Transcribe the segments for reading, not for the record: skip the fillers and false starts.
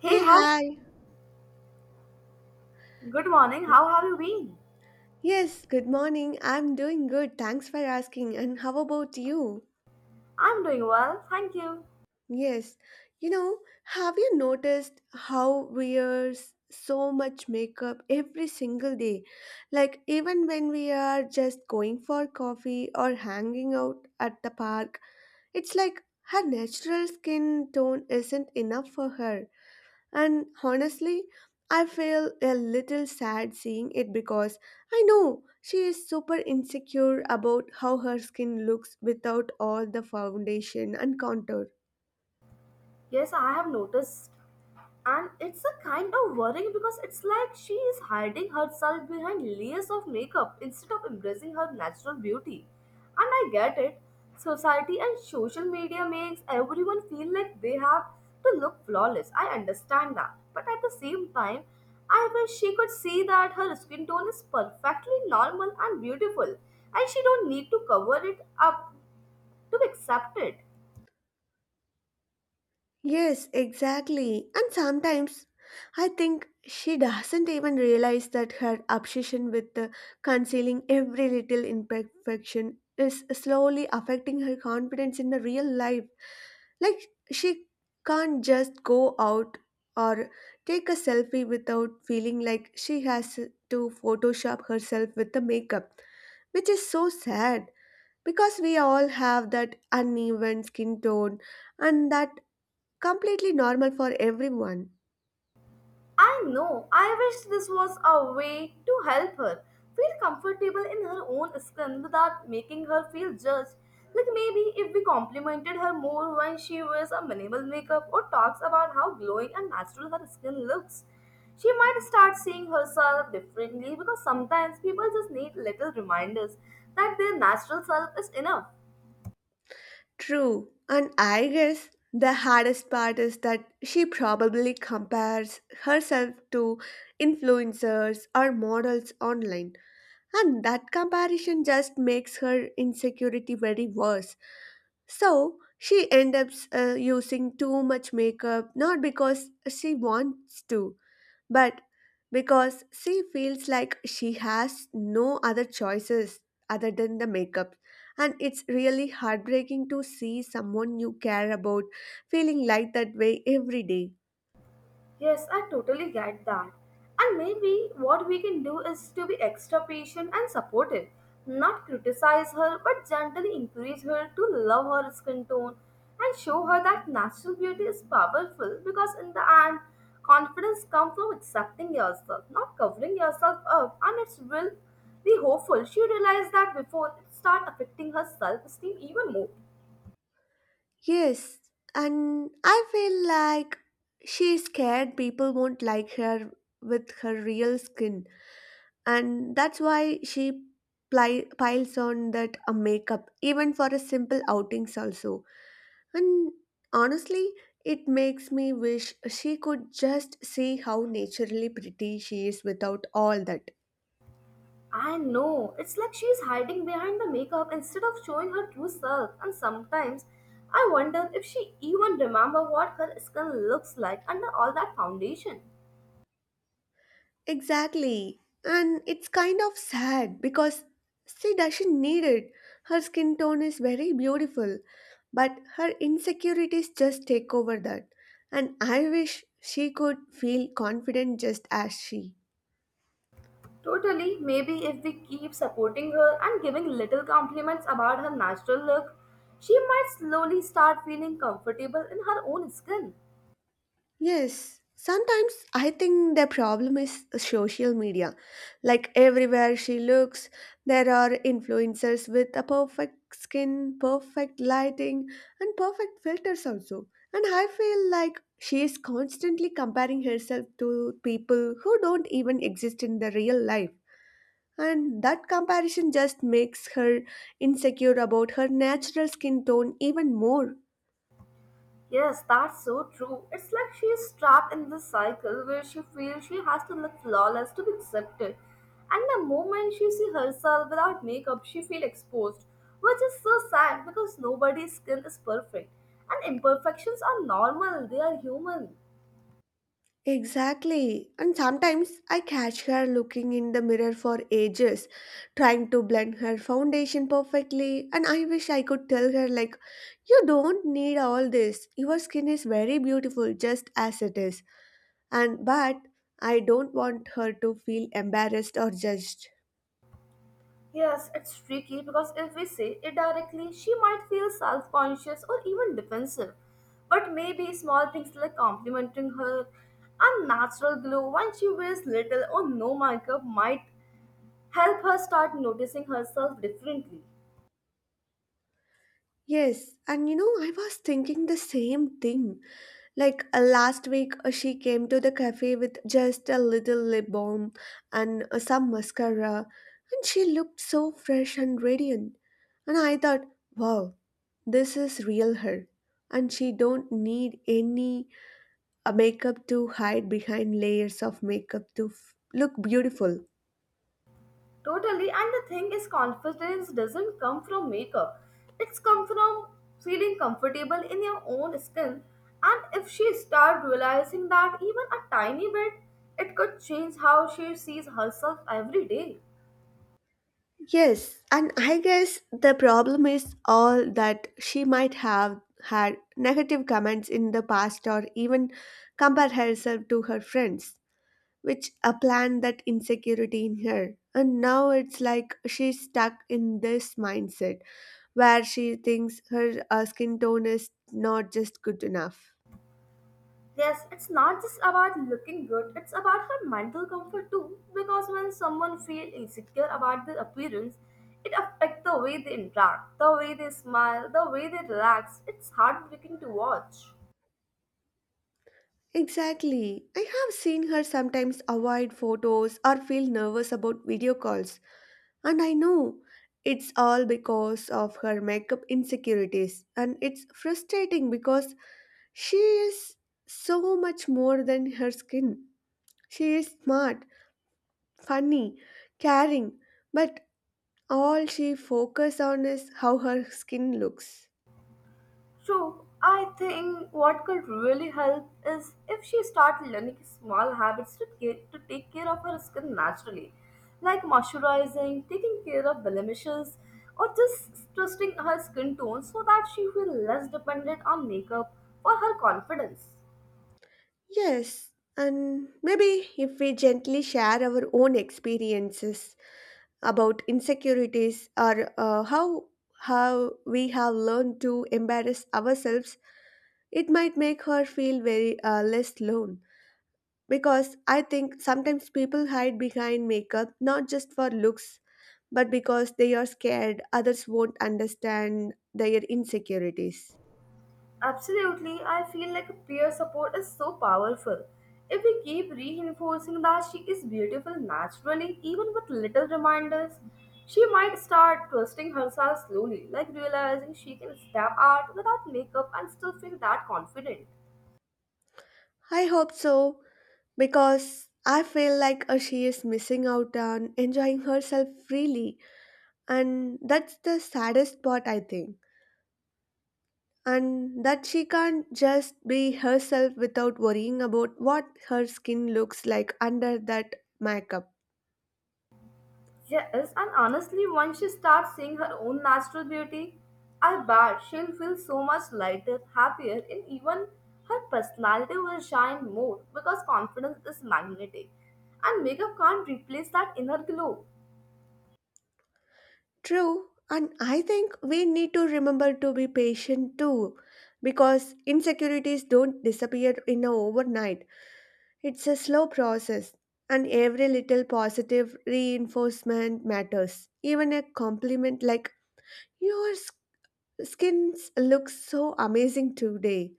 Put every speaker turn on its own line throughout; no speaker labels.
Hey,
Hey,
hi.
hi.
Good morning. How have you been?
Yes, good morning. I'm doing good. Thanks for asking. And how about you?
I'm doing well, thank you.
Yes. You know, have you noticed how we wear so much makeup every single day? Like, even when we are just going for coffee or hanging out at the park, it's like her natural skin tone isn't enough for her. And honestly, I feel a little sad seeing it because I know she is super insecure about how her skin looks without all the foundation and contour.
Yes, I have noticed. And it's a kind of worrying because it's like she is hiding herself behind layers of makeup instead of embracing her natural beauty. And I get it. Society and social media makes everyone feel like they have to look flawless. I understand that. But at the same time, I wish she could see that her skin tone is perfectly normal and beautiful and she don't need to cover it up to be accepted.
Yes, exactly. And sometimes I think she doesn't even realize that her obsession with concealing every little imperfection is slowly affecting her confidence in the real life. Like she can't just go out or take a selfie without feeling like she has to Photoshop herself with the makeup, which is so sad because we all have that uneven skin tone and that completely normal for everyone.
I know, I wish this was a way to help her feel comfortable in her own skin without making her feel judged. Like maybe if we complimented her more when she wears a minimal makeup or talks about how glowing and natural her skin looks, she might start seeing herself differently because sometimes people just need little reminders that their natural self is enough.
True, and I guess the hardest part is that she probably compares herself to influencers or models online. And that comparison just makes her insecurity very worse. So she ends up using too much makeup, not because she wants to, but because she feels like she has no other choices other than the makeup. And it's really heartbreaking to see someone you care about feeling like that way every day.
Yes, I totally get that. And maybe what we can do is to be extra patient and supportive, not criticize her, but gently encourage her to love her skin tone and show her that natural beauty is powerful because, in the end, confidence comes from accepting yourself, not covering yourself up. And it's really hopeful she realized that before it start affecting her self esteem even more.
Yes, and I feel like she's scared people won't like her with her real skin, and that's why she piles on that makeup, even for a simple outings also. And honestly, it makes me wish she could just see how naturally pretty she is without all that.
I know. It's like she's hiding behind the makeup instead of showing her true self. And sometimes I wonder if she even remember what her skin looks like under all that foundation.
Exactly. And it's kind of sad because she doesn't need it. Her skin tone is very beautiful, but her insecurities just take over that. And I wish she could feel confident just as she.
Totally, maybe if we keep supporting her and giving little compliments about her natural look, she might slowly start feeling comfortable in her own skin.
Yes, sometimes I think the problem is social media. Like everywhere she looks, there are influencers with a perfect skin, perfect lighting, and perfect filters also. And I feel like she is constantly comparing herself to people who don't even exist in the real life. And that comparison just makes her insecure about her natural skin tone even more.
Yes, that's so true. It's like she is trapped in this cycle where she feels she has to look flawless to be accepted. And the moment she sees herself without makeup, she feels exposed, which is so sad because nobody's skin is perfect. And imperfections are normal, they are human.
Exactly. And sometimes I catch her looking in the mirror for ages, trying to blend her foundation perfectly. And I wish I could tell her, like, you don't need all this. Your skin is very beautiful just as it is. And but I don't want her to feel embarrassed or judged.
Yes, it's tricky because if we say it directly, she might feel self conscious or even defensive. But maybe small things like complimenting her and natural glow when she wears little or no makeup might help her start noticing herself differently.
Yes, and you know, I was thinking the same thing. Like last week, she came to the cafe with just a little lip balm and some mascara, and she looked so fresh and radiant. And I thought, wow, this is real her, and she don't need any makeup to hide behind layers of makeup to look beautiful.
Totally, and the thing is, confidence doesn't come from makeup. It's come from feeling comfortable in your own skin. And if she start realizing that even a tiny bit, it could change how she sees herself every day.
Yes, and I guess the problem is all that she might have had negative comments in the past or even compare herself to her friends, which a plan that insecurity in her. And now it's like she's stuck in this mindset where she thinks her skin tone is not just good enough.
Yes, it's not just about looking good, it's about her mental comfort too. Because when someone feels insecure about their appearance, it affects the way they interact, the way they smile, the way they relax. It's heartbreaking to watch.
Exactly. I have seen her sometimes avoid photos or feel nervous about video calls. And I know it's all because of her makeup insecurities, and it's frustrating because she is so much more than her skin. She is smart, funny, caring, but all she focuses on is how her skin looks.
True, I think what could really help is if she started learning small habits to, care, to take care of her skin naturally, like moisturizing, taking care of blemishes, or just trusting her skin tone so that she feels less dependent on makeup for her confidence.
Yes, and maybe if we gently share our own experiences about insecurities or how we have learned to embarrass ourselves. It might make her feel very less alone because I think sometimes people hide behind makeup not just for looks but because they are scared others won't understand their insecurities.
Absolutely, I feel like peer support is so powerful. If we keep reinforcing that she is beautiful naturally, even with little reminders, she might start trusting herself slowly, like realizing she can step out without makeup and still feel that confident.
I hope so because I feel like she is missing out on enjoying herself freely and that's the saddest part I think and that she can't just be herself without worrying about what her skin looks like under that makeup.
Yes, and honestly, once she starts seeing her own natural beauty, I bet she'll feel so much lighter, happier, and even her personality will shine more because confidence is magnetic and makeup can't replace that inner glow.
True, and I think we need to remember to be patient too, because insecurities don't disappear in a overnight. It's a slow process, and every little positive reinforcement matters. Even a compliment like "Your skin looks so amazing today,"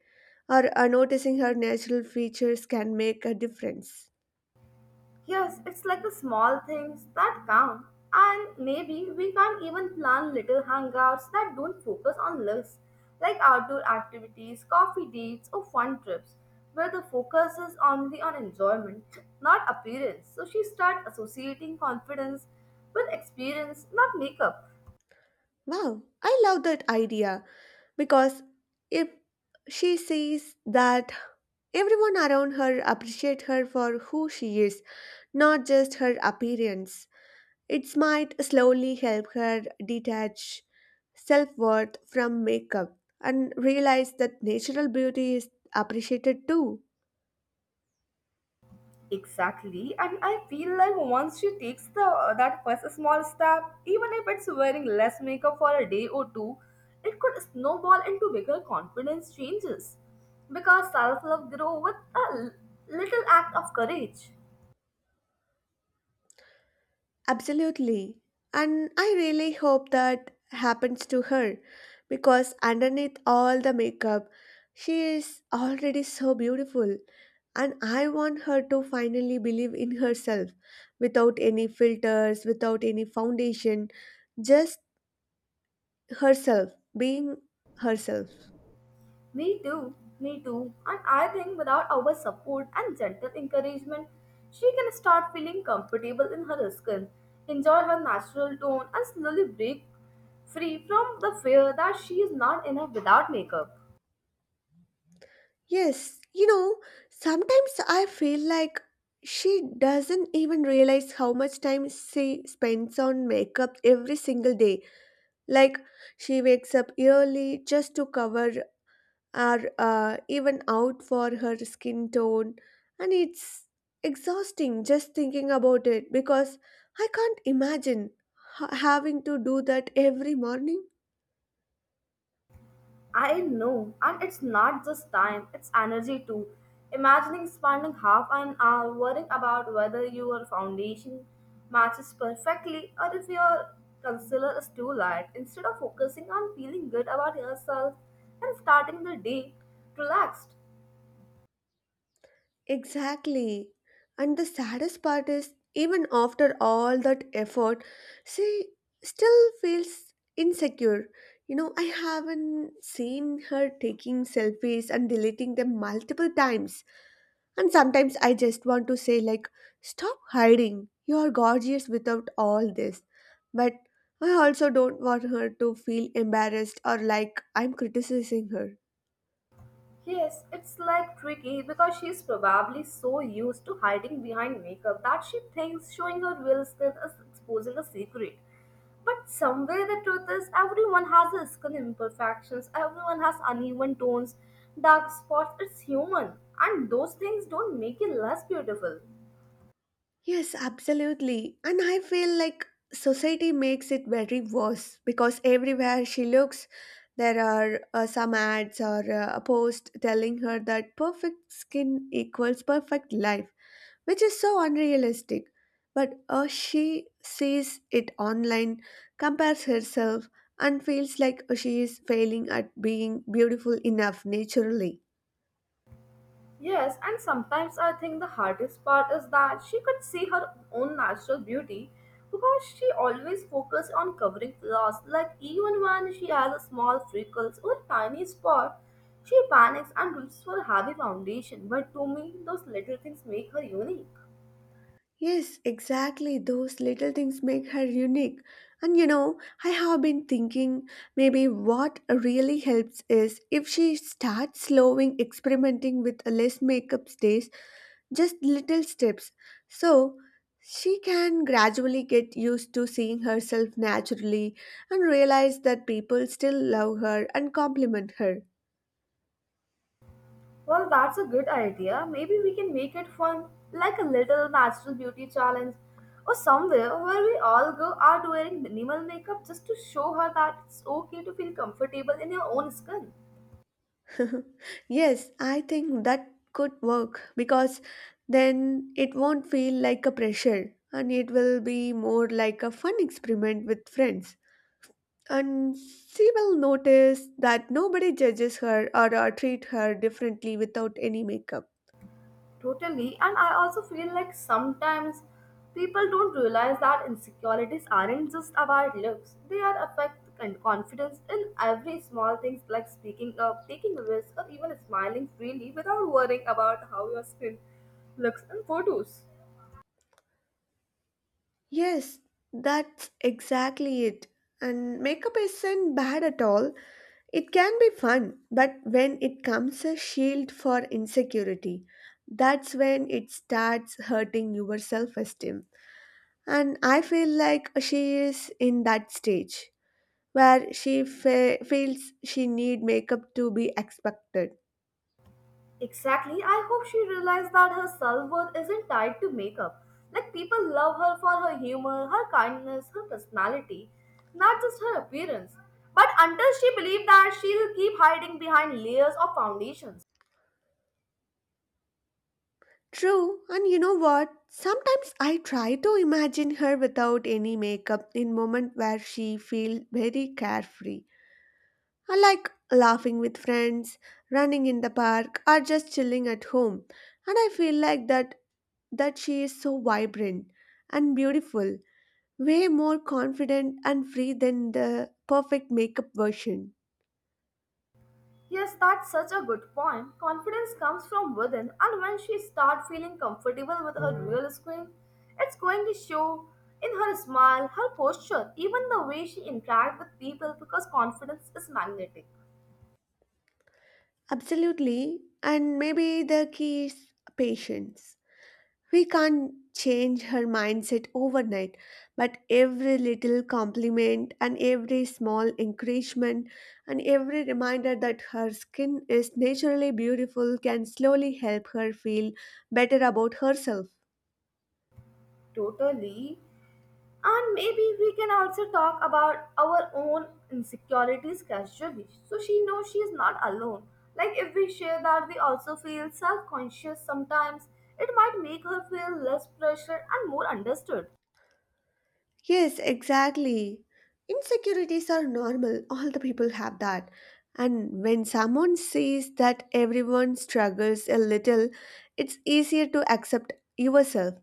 or noticing her natural features can make a difference.
Yes, it's like the small things that count. And maybe we can not even plan little hangouts that don't focus on lists, like outdoor activities, coffee dates, or fun trips, where the focus is only on enjoyment, not appearance. So she start associating confidence with experience, not makeup.
Wow, I love that idea because if she sees that everyone around her appreciate her for who she is, not just her appearance. It might slowly help her detach self-worth from makeup and realize that natural beauty is appreciated too.
Exactly, and I feel like once she takes the that first small step, even if it's wearing less makeup for a day or two, it could snowball into bigger confidence changes. Because self love grows with a little act of courage.
Absolutely. And I really hope that happens to her because underneath all the makeup, she is already so beautiful. And I want her to finally believe in herself without any filters, without any foundation, just herself, being herself.
Me too, me too. And I think without our support and gentle encouragement, she can start feeling comfortable in her skin, enjoy her natural tone, and slowly break free from the fear that she is not enough without makeup.
Yes, you know, sometimes I feel like she doesn't even realize how much time she spends on makeup every single day. Like she wakes up early just to cover or even out for her skin tone, and it's exhausting just thinking about it because I can't imagine having to do that every morning.
I know, and it's not just time, it's energy too. Imagining spending half an hour worrying about whether your foundation matches perfectly or if your concealer is too light, instead of focusing on feeling good about yourself and starting the day relaxed.
Exactly. And the saddest part is, even after all that effort, she still feels insecure. You know, I haven't seen her taking selfies and deleting them multiple times. And sometimes I just want to say, like, stop hiding. You are gorgeous without all this. But I also don't want her to feel embarrassed or like I'm criticizing her.
Yes, it's like tricky because she's probably so used to hiding behind makeup that she thinks showing her real skin is exposing a secret. But somewhere the truth is, everyone has a skin imperfections, everyone has uneven tones, dark spots, it's human. And those things don't make you less beautiful.
Yes, absolutely. And I feel like society makes it very worse because everywhere she looks, there are some ads or a post telling her that perfect skin equals perfect life, which is so unrealistic. But she sees it online, compares herself, and feels like she is failing at being beautiful enough naturally.
Yes, and sometimes I think the hardest part is that she could see her own natural beauty because she always focused on covering flaws. Like even when she has a small freckles or tiny spot, she panics and reaches for a heavy foundation. But to me, those little things make her unique.
Yes, exactly. Those little things make her unique. And you know, I have been thinking maybe what really helps is if she starts slowing experimenting with less makeup days, just little steps. So she can gradually get used to seeing herself naturally and realize that people still love her and compliment her.
Well, that's a good idea. Maybe we can make it fun, like a little natural beauty challenge, or somewhere where we all go out wearing minimal makeup just to show her that it's okay to feel comfortable in your own skin.
Yes, I think that could work because then it won't feel like a pressure and it will be more like a fun experiment with friends. And she will notice that nobody judges her or treat her differently without any makeup.
Totally, and I also feel like sometimes people don't realize that insecurities aren't just about looks, they are affect and confidence in every small things like speaking up, taking risks, or even smiling freely without worrying about how your skin looks in photos.
Yes, that's exactly it. And makeup isn't bad at all. It can be fun, but when it comes a shield for insecurity, that's when it starts hurting your self esteem. And I feel like she is in that stage where she feels she need makeup to be expected.
Exactly. I hope she realized that her self worth isn't tied to makeup. Like, people love her for her humor, her kindness, her personality, not just her appearance. But until she believes that, she'll keep hiding behind layers of foundations.
True, and you know what? Sometimes I try to imagine her without any makeup in moment where she feels very carefree. I like laughing with friends, running in the park, or just chilling at home. And I feel like that she is so vibrant and beautiful, way more confident and free than the perfect makeup version.
Yes, that's such a good point. Confidence comes from within, and when she starts feeling comfortable with her real skin, it's going to show in her smile, her posture, even the way she interacts with people because confidence is magnetic.
Absolutely. And maybe the key is patience. We can't change her mindset overnight, but every little compliment and every small encouragement and every reminder that her skin is naturally beautiful can slowly help her feel better about herself.
Totally. And maybe we can also talk about our own insecurities casually. So she knows she is not alone. Like if we share that we also feel self conscious sometimes, it might make her feel less pressure and more understood.
Yes, exactly. Insecurities are normal. All the people have that. And when someone says that everyone struggles a little, it's easier to accept yourself.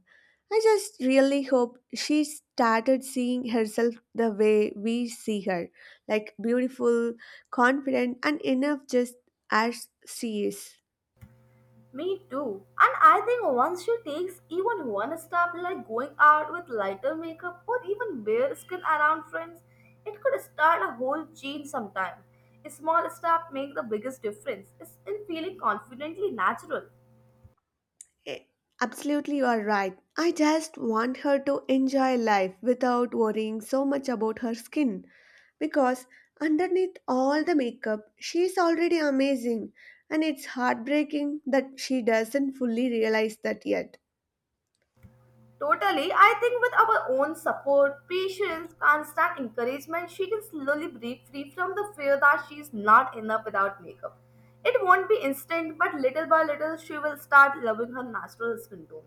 I just really hope she started seeing herself the way we see her, like beautiful, confident, and enough just as she is.
Me too. And I think once she takes even one step, like going out with lighter makeup or even bare skin around friends, it could start a whole change sometime. A small step make the biggest difference. It's in feeling confidently natural.
Eh, Absolutely, you are right. I just want her to enjoy life without worrying so much about her skin, because underneath all the makeup, she is already amazing, and it's heartbreaking that she doesn't fully realize that yet.
Totally, I think with our own support, patience, constant encouragement, she can slowly break free from the fear that she is not enough without makeup. It won't be instant, but little by little, she will start loving her natural skin tone.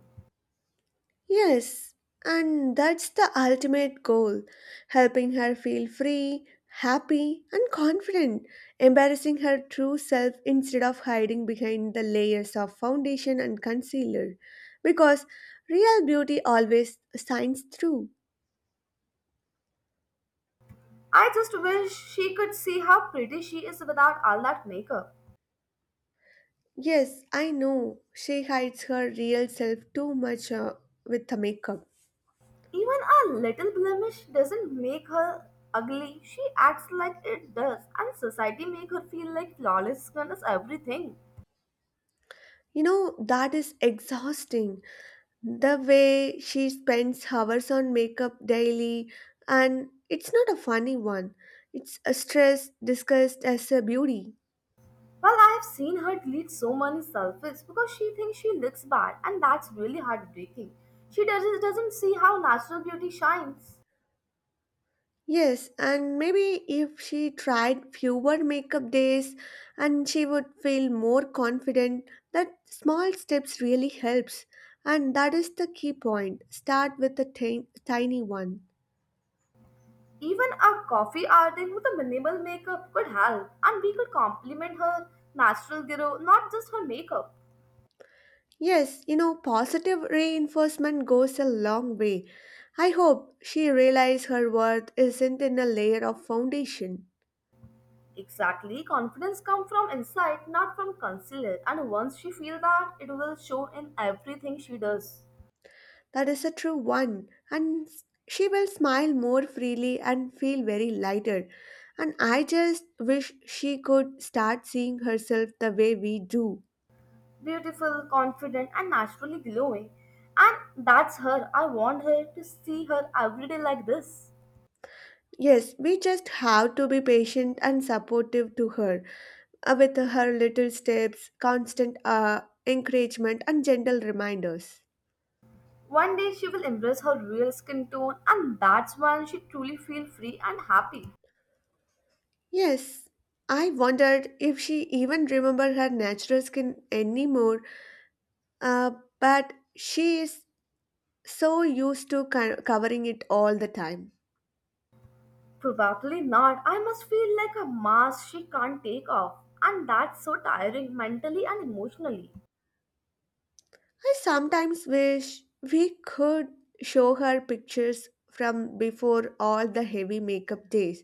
Yes, and that's the ultimate goal, helping her feel free, happy, and confident, embarrassing her true self instead of hiding behind the layers of foundation and concealer. Because real beauty always shines through.
I just wish she could see how pretty she is without all that makeup.
Yes, I know. She hides her real self too much with the makeup.
Even a little blemish doesn't make her ugly. She acts like it does, and society make her feel like flawless skin is everything.
You know, that is exhausting. The way she spends hours on makeup daily, and it's not a funny one. It's a stress disguised as a beauty.
Well, I have seen her delete so many selfies because she thinks she looks bad, and that's really heartbreaking. She doesn't see how natural beauty shines.
Yes, and maybe if she tried fewer makeup days and she would feel more confident, that small steps really helps and that is the key point, start with a tiny one.
Even a coffee artist with a minimal makeup could help, and we could compliment her natural glow, not just her makeup.
Yes, you know, positive reinforcement goes a long way. I hope she realizes her worth isn't in a layer of foundation.
Exactly. Confidence comes from inside, not from concealer. And once she feels that, it will show in everything she does.
That is a true one, and she will smile more freely and feel very lighter. And I just wish she could start seeing herself the way we do.
Beautiful, confident, and naturally glowing. And that's her. I want her to see her every day like this.
Yes, we just have to be patient and supportive to her with her little steps, constant encouragement, and gentle reminders.
One day she will embrace her real skin tone, and that's when she truly feel free and happy.
Yes, I wondered if she even remembered her natural skin anymore, uh, but she is so used to covering it all the time.
Probably not. I must feel like a mask she can't take off. And that's so tiring mentally and emotionally.
I sometimes wish we could show her pictures from before all the heavy makeup days,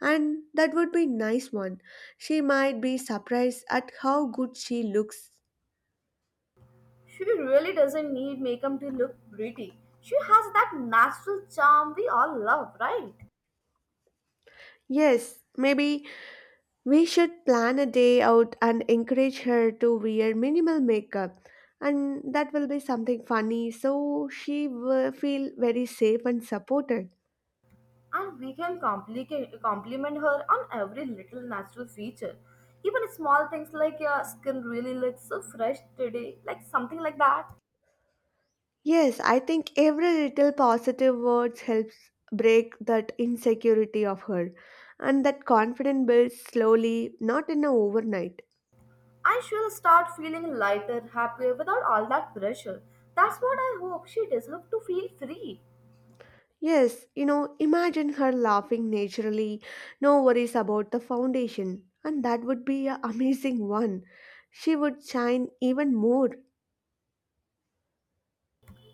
and that would be nice one. She might be surprised at how good she looks.
She really doesn't need makeup to look pretty. She has that natural charm we all love, right?
Yes, maybe we should plan a day out and encourage her to wear minimal makeup, and that will be something funny so she will feel very safe and supported.
And we can complicate, compliment her on every little natural feature. Even small things like your skin really looks so fresh today, like something like that.
Yes, I think every little positive words helps break that insecurity of her, and that confidence builds slowly, not in a overnight.
And she'll start feeling lighter, happier without all that pressure. That's what I hope she deserves to feel free.
Yes, you know, imagine her laughing naturally, no worries about the foundation, and that would be an amazing one. She would shine even more.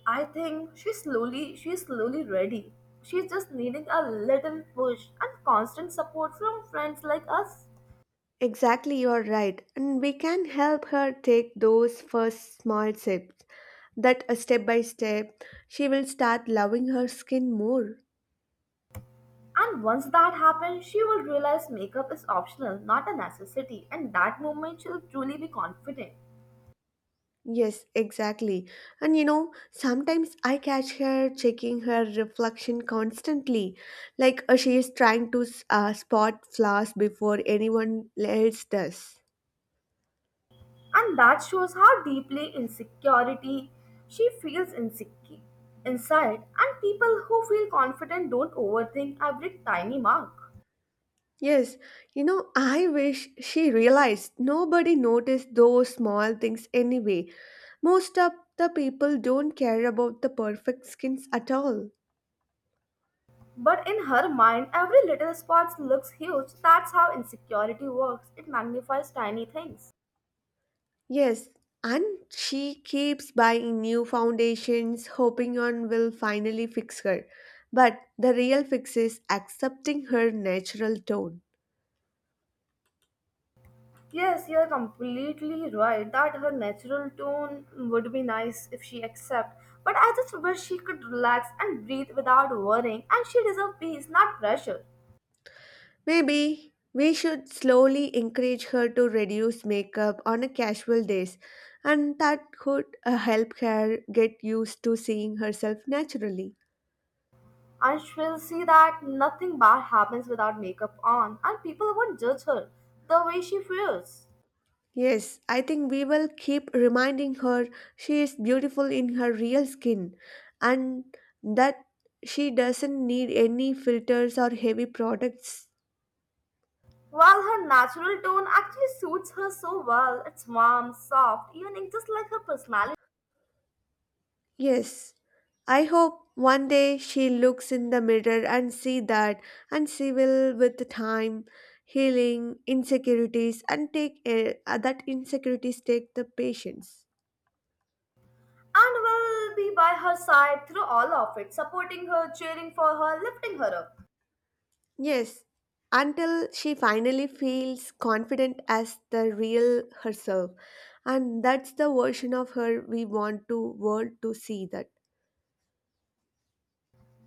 I think she's slowly ready. She's just needing a little push and constant support from friends like us.
Exactly, you are right, and we can help her take those first small steps. That, step by step, she will start loving her skin more.
And once that happens, she will realize makeup is optional, not a necessity, and that moment she'll truly be confident.
Yes, exactly. And you know, sometimes I catch her checking her reflection constantly, like she is trying to spot flaws before anyone else does.
And that shows how deeply insecurity she feels insecure inside. And people who feel confident don't overthink every tiny mark.
Yes, you know, I wish she realized nobody noticed those small things anyway. Most of the people don't care about the perfect skins at all.
But in her mind, every little spot looks huge. That's how insecurity works. It magnifies tiny things.
Yes, and she keeps buying new foundations, hoping on will finally fix her. But the real fix is accepting her natural tone.
Yes, you're completely right that her natural tone would be nice if she accept. But I just wish she could relax and breathe without worrying. And she deserves peace, not pressure.
Maybe we should slowly encourage her to reduce makeup on a casual days, and that could help her get used to seeing herself naturally.
And she'll see that nothing bad happens without makeup on, and people won't judge her the way she feels.
Yes, I think we will keep reminding her she is beautiful in her real skin, and that she doesn't need any filters or heavy products.
While her natural tone actually suits her so well. It's warm, soft, evening, just like her personality.
Yes, I hope one day she looks in the mirror and see that, and she will with time healing insecurities and take that insecurities take the patience.
And will be by her side through all of it, supporting her, cheering for her, lifting her up.
Yes, until she finally feels confident as the real herself. And that's the version of her we want to world to see that.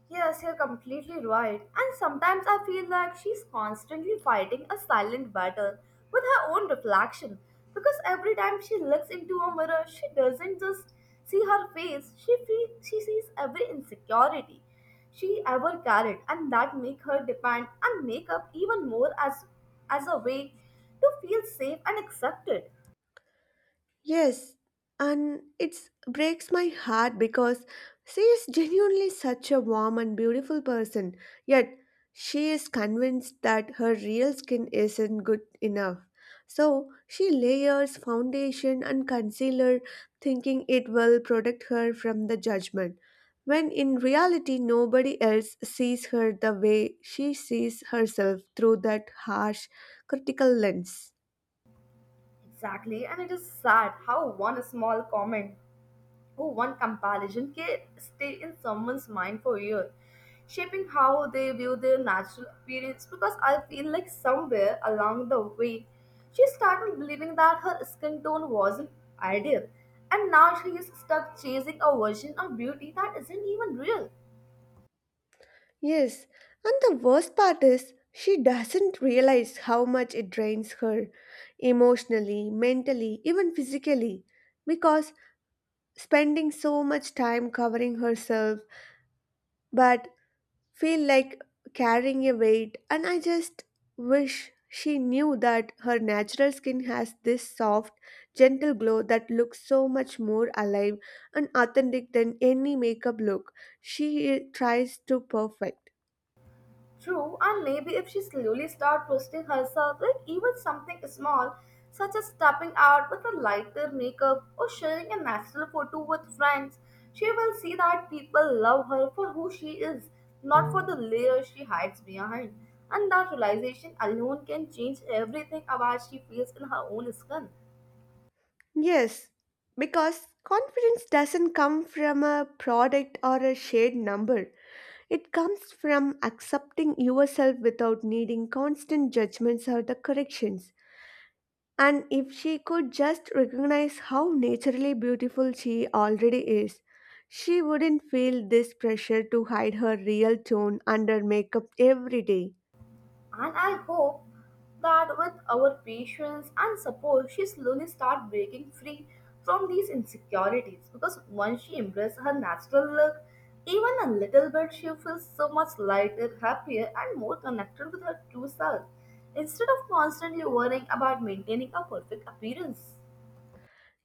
Yes, you're completely right. And sometimes I feel like she's constantly fighting a silent battle with her own reflection. Because every time she looks into a mirror, she doesn't just see her face, she sees every insecurity she ever carried, and that make her depend on makeup even more as a way to feel safe and accepted.
Yes, and it breaks my heart because she is genuinely such a warm and beautiful person, yet she is convinced that her real skin isn't good enough. So she layers foundation and concealer, thinking it will protect her from the judgment, when in reality, nobody else sees her the way she sees herself through that harsh, critical lens.
Exactly, and it is sad how one small comment, Oh, one comparison can stay in someone's mind for years, shaping how they view their natural appearance. Because I feel like somewhere along the way, she started believing that her skin tone wasn't ideal, and now she is stuck chasing a version of beauty that isn't even real.
Yes, and the worst part is she doesn't realize how much it drains her emotionally, mentally, even physically, because spending so much time covering herself but feel like carrying a weight. And I just wish she knew that her natural skin has this soft, gentle glow that looks so much more alive and authentic than any makeup look she tries to perfect.
True, and maybe if she slowly starts trusting herself, like even something small, such as stepping out with a lighter makeup or sharing a natural photo with friends, she will see that people love her for who she is, not for the layer she hides behind. And that realization alone can change everything about she feels in her own skin.
Yes, because confidence doesn't come from a product or a shared number. It comes from accepting yourself without needing constant judgments or the corrections. And if she could just recognize how naturally beautiful she already is, she wouldn't feel this pressure to hide her real tone under makeup every day.
And I hope that with our patience and support, she slowly starts breaking free from these insecurities, because once she embraces her natural look, even a little bit, she feels so much lighter, happier, and more connected with her true self instead of constantly worrying about maintaining a perfect appearance.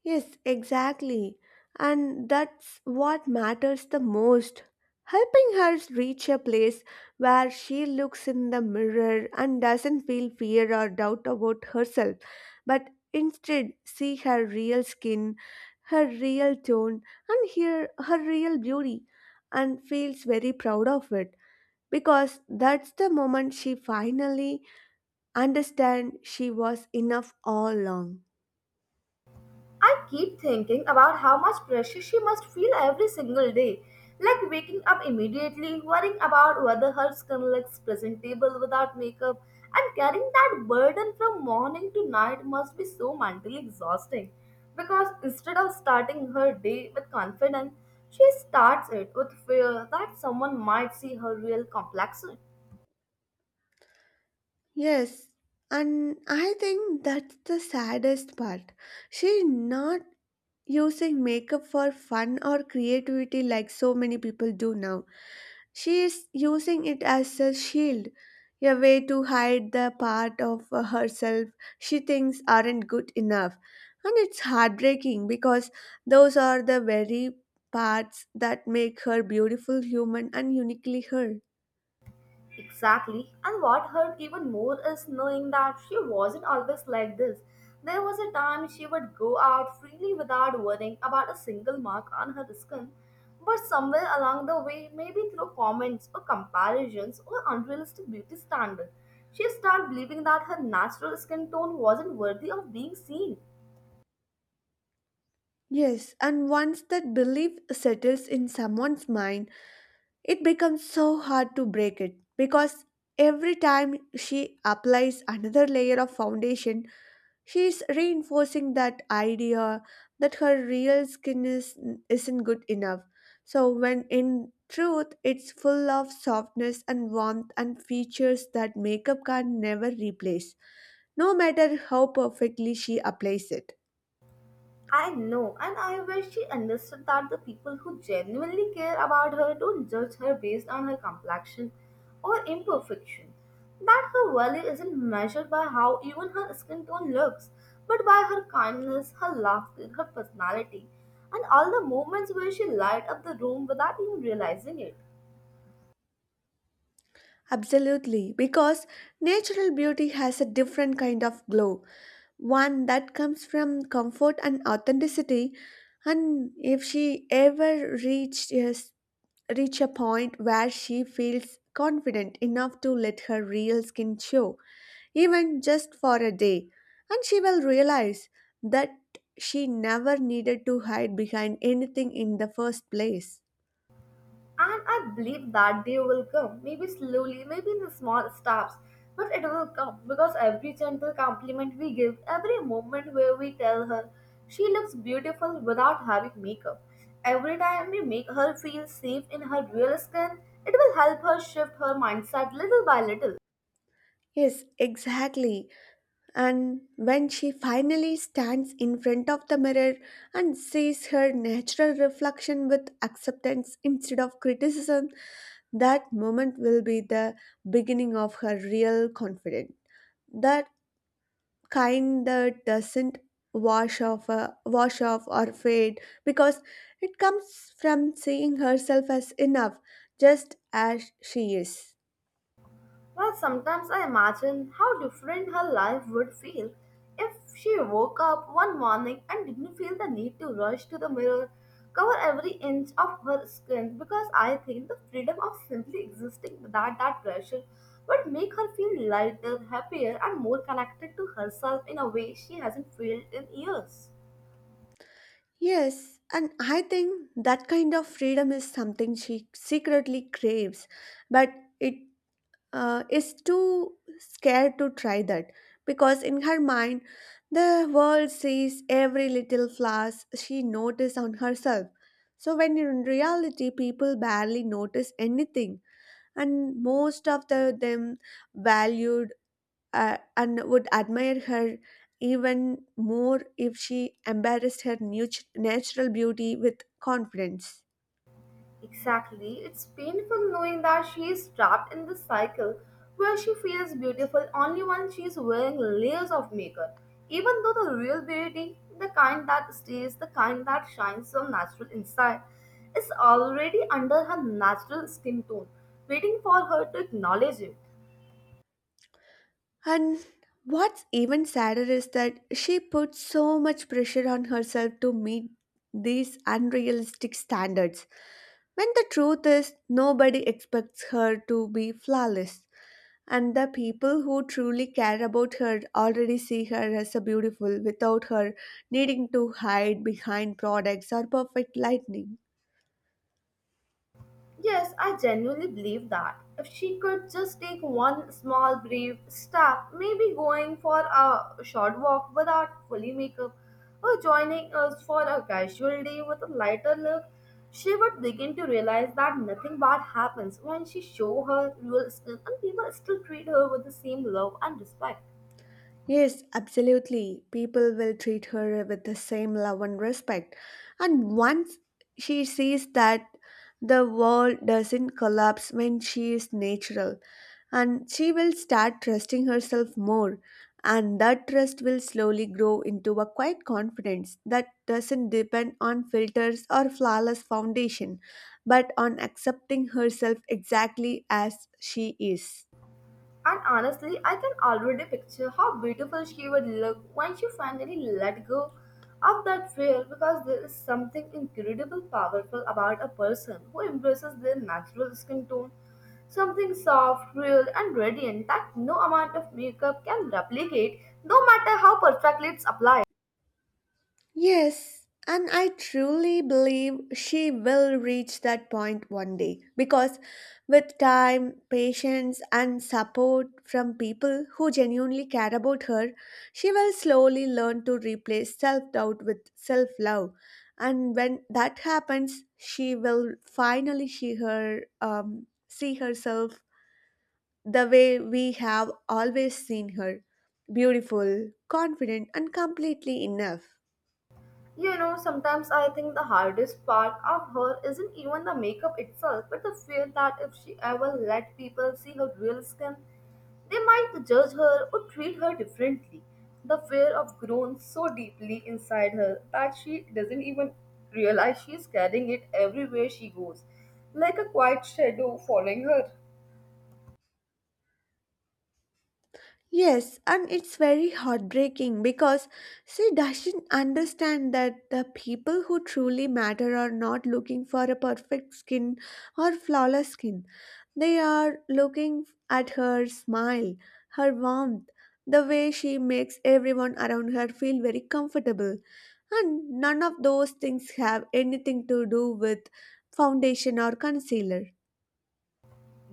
Yes, exactly. And that's what matters the most. Helping her reach a place where she looks in the mirror and doesn't feel fear or doubt about herself, but instead see her real skin, her real tone, and hear her real beauty, and feels very proud of it, because that's the moment she finally understands she was enough all along.
I keep thinking about how much pressure she must feel every single day, like waking up immediately, worrying about whether her skin looks presentable without makeup, and carrying that burden from morning to night must be so mentally exhausting. Because instead of starting her day with confidence, she starts it with fear that someone might see her real complexion.
Yes, and I think that's the saddest part. She's not using makeup for fun or creativity like so many people do now. She is using it as a shield, a way to hide the part of herself she thinks aren't good enough. And it's heartbreaking because those are the very parts that make her beautiful human and uniquely her.
Exactly. And what hurt even more is knowing that she wasn't always like this. There was a time she would go out freely without worrying about a single mark on her skin. But somewhere along the way, maybe through comments or comparisons or unrealistic beauty standards, she started believing that her natural skin tone wasn't worthy of being seen.
Yes, and once that belief settles in someone's mind, it becomes so hard to break it, because every time she applies another layer of foundation, she is reinforcing that idea that her real skin is, isn't good enough. So, when in truth, it's full of softness and warmth and features that makeup can never replace, no matter how perfectly she applies it.
I know, and I wish she understood that the people who genuinely care about her don't judge her based on her complexion or imperfection. That her value isn't measured by how even her skin tone looks, but by her kindness, her laughter, her personality, and all the moments where she light up the room without even realizing it.
Absolutely, because natural beauty has a different kind of glow, one that comes from comfort and authenticity. And if she ever reached yes, reach a point where she feels confident enough to let her real skin show, even just for a day, and she will realize that she never needed to hide behind anything in the first place.
And I believe that day will come, maybe slowly, maybe in the small steps, but it will come because every gentle compliment we give, every moment where we tell her she looks beautiful without having makeup, every time we make her feel safe in her real skin, it will help her shift her mindset little by little.
Yes, exactly. And when she finally stands in front of the mirror and sees her natural reflection with acceptance instead of criticism, that moment will be the beginning of her real confidence. That kind that doesn't wash off or fade, because it comes from seeing herself as enough, just as she is.
Well, sometimes I imagine how different her life would feel if she woke up one morning and didn't feel the need to rush to the mirror, cover every inch of her skin, because I think the freedom of simply existing without that pressure would make her feel lighter, happier, and more connected to herself in a way she hasn't felt in years.
Yes, and I think that kind of freedom is something she secretly craves, but it is too scared to try that, because in her mind, the world sees every little flaw she notices on herself. So when in reality, people barely notice anything, and most of the, them value and would admire her even more if she embraced her natural beauty with confidence.
Exactly. It's painful knowing that she is trapped in this cycle where she feels beautiful only when she is wearing layers of makeup. Even though the real beauty, the kind that stays, the kind that shines from natural inside, is already under her natural skin tone, waiting for her to acknowledge it.
And what's even sadder is that she puts so much pressure on herself to meet these unrealistic standards, when the truth is nobody expects her to be flawless. And the people who truly care about her already see her as a beautiful without her needing to hide behind products or perfect lighting.
Yes, I genuinely believe that. If she could just take one small brave step, maybe going for a short walk without fully makeup or joining us for a casual day with a lighter look, she would begin to realize that nothing bad happens when she show her real skin and people still treat her with the same love and respect.
Yes, absolutely. People will treat her with the same love and respect. And once she sees that the world doesn't collapse when she is natural, and she will start trusting herself more. And that trust will slowly grow into a quiet confidence that doesn't depend on filters or flawless foundation, but on accepting herself exactly as she is.
And honestly, I can already picture how beautiful she would look when she finally let go of that fear. Because there is something incredibly powerful about a person who embraces their natural skin tone, something soft, real, and radiant that no amount of makeup can replicate, no matter how perfectly it's applied.
Yes, and I truly believe she will reach that point one day, because with time, patience, and support from people who genuinely care about her, she will slowly learn to replace self doubt with self love. And when that happens, she will finally see her see herself the way we have always seen her, beautiful, confident, and completely enough.
You know, sometimes I think the hardest part of her isn't even the makeup itself, but the fear that if she ever let people see her real skin, they might judge her or treat her differently. The fear of grown so deeply inside her that she doesn't even realize she is carrying it everywhere she goes, like a quiet shadow following her.
Yes, and it's very heartbreaking because she doesn't understand that the people who truly matter are not looking for a perfect skin or flawless skin. They are looking at her smile, her warmth, the way she makes everyone around her feel very comfortable. And none of those things have anything to do with foundation or concealer.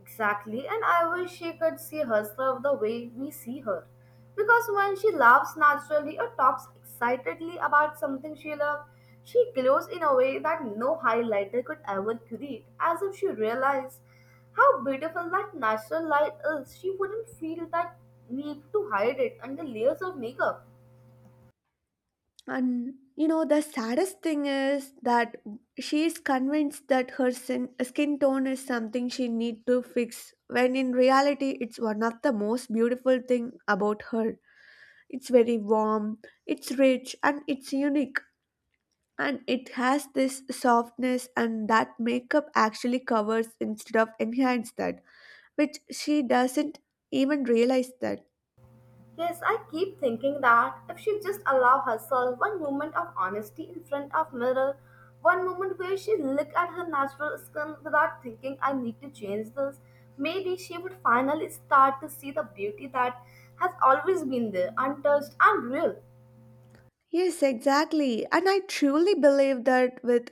Exactly, and I wish she could see herself the way we see her. Because when she laughs naturally or talks excitedly about something she loves, she glows in a way that no highlighter could ever create, as if she realized how beautiful that natural light is. She wouldn't feel that need to hide it under layers of makeup.
And you know, the saddest thing is that she is convinced that her skin tone is something she need to fix, when in reality, it's one of the most beautiful thing about her. It's very warm, it's rich, and it's unique, and it has this softness, and that makeup actually covers instead of enhance that, which she doesn't even realize that.
Yes, I keep thinking that if she just allow herself one moment of honesty in front of mirror, one moment where she look at her natural skin without thinking I need to change this, maybe she would finally start to see the beauty that has always been there, untouched and real.
Yes, exactly. And I truly believe that with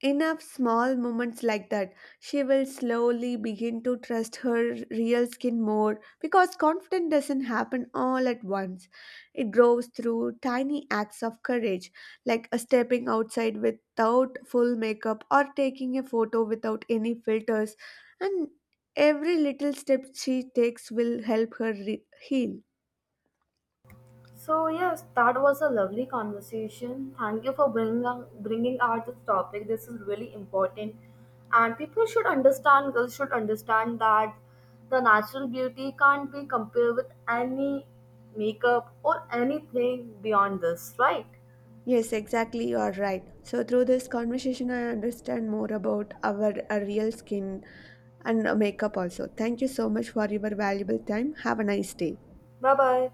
enough small moments like that, she will slowly begin to trust her real skin more, because confidence doesn't happen all at once. It grows through tiny acts of courage, like a stepping outside without full makeup or taking a photo without any filters, and every little step she takes will help her heal.
So yes, that was a lovely conversation. Thank you for bringing out this topic. This is really important, and people should understand. Girls should understand that the natural beauty can't be compared with any makeup or anything beyond this. Right?
Yes, exactly. You are right. So, through this conversation, I understand more about our, real skin and makeup also. Thank you so much for your valuable time. Have a nice day.
Bye bye.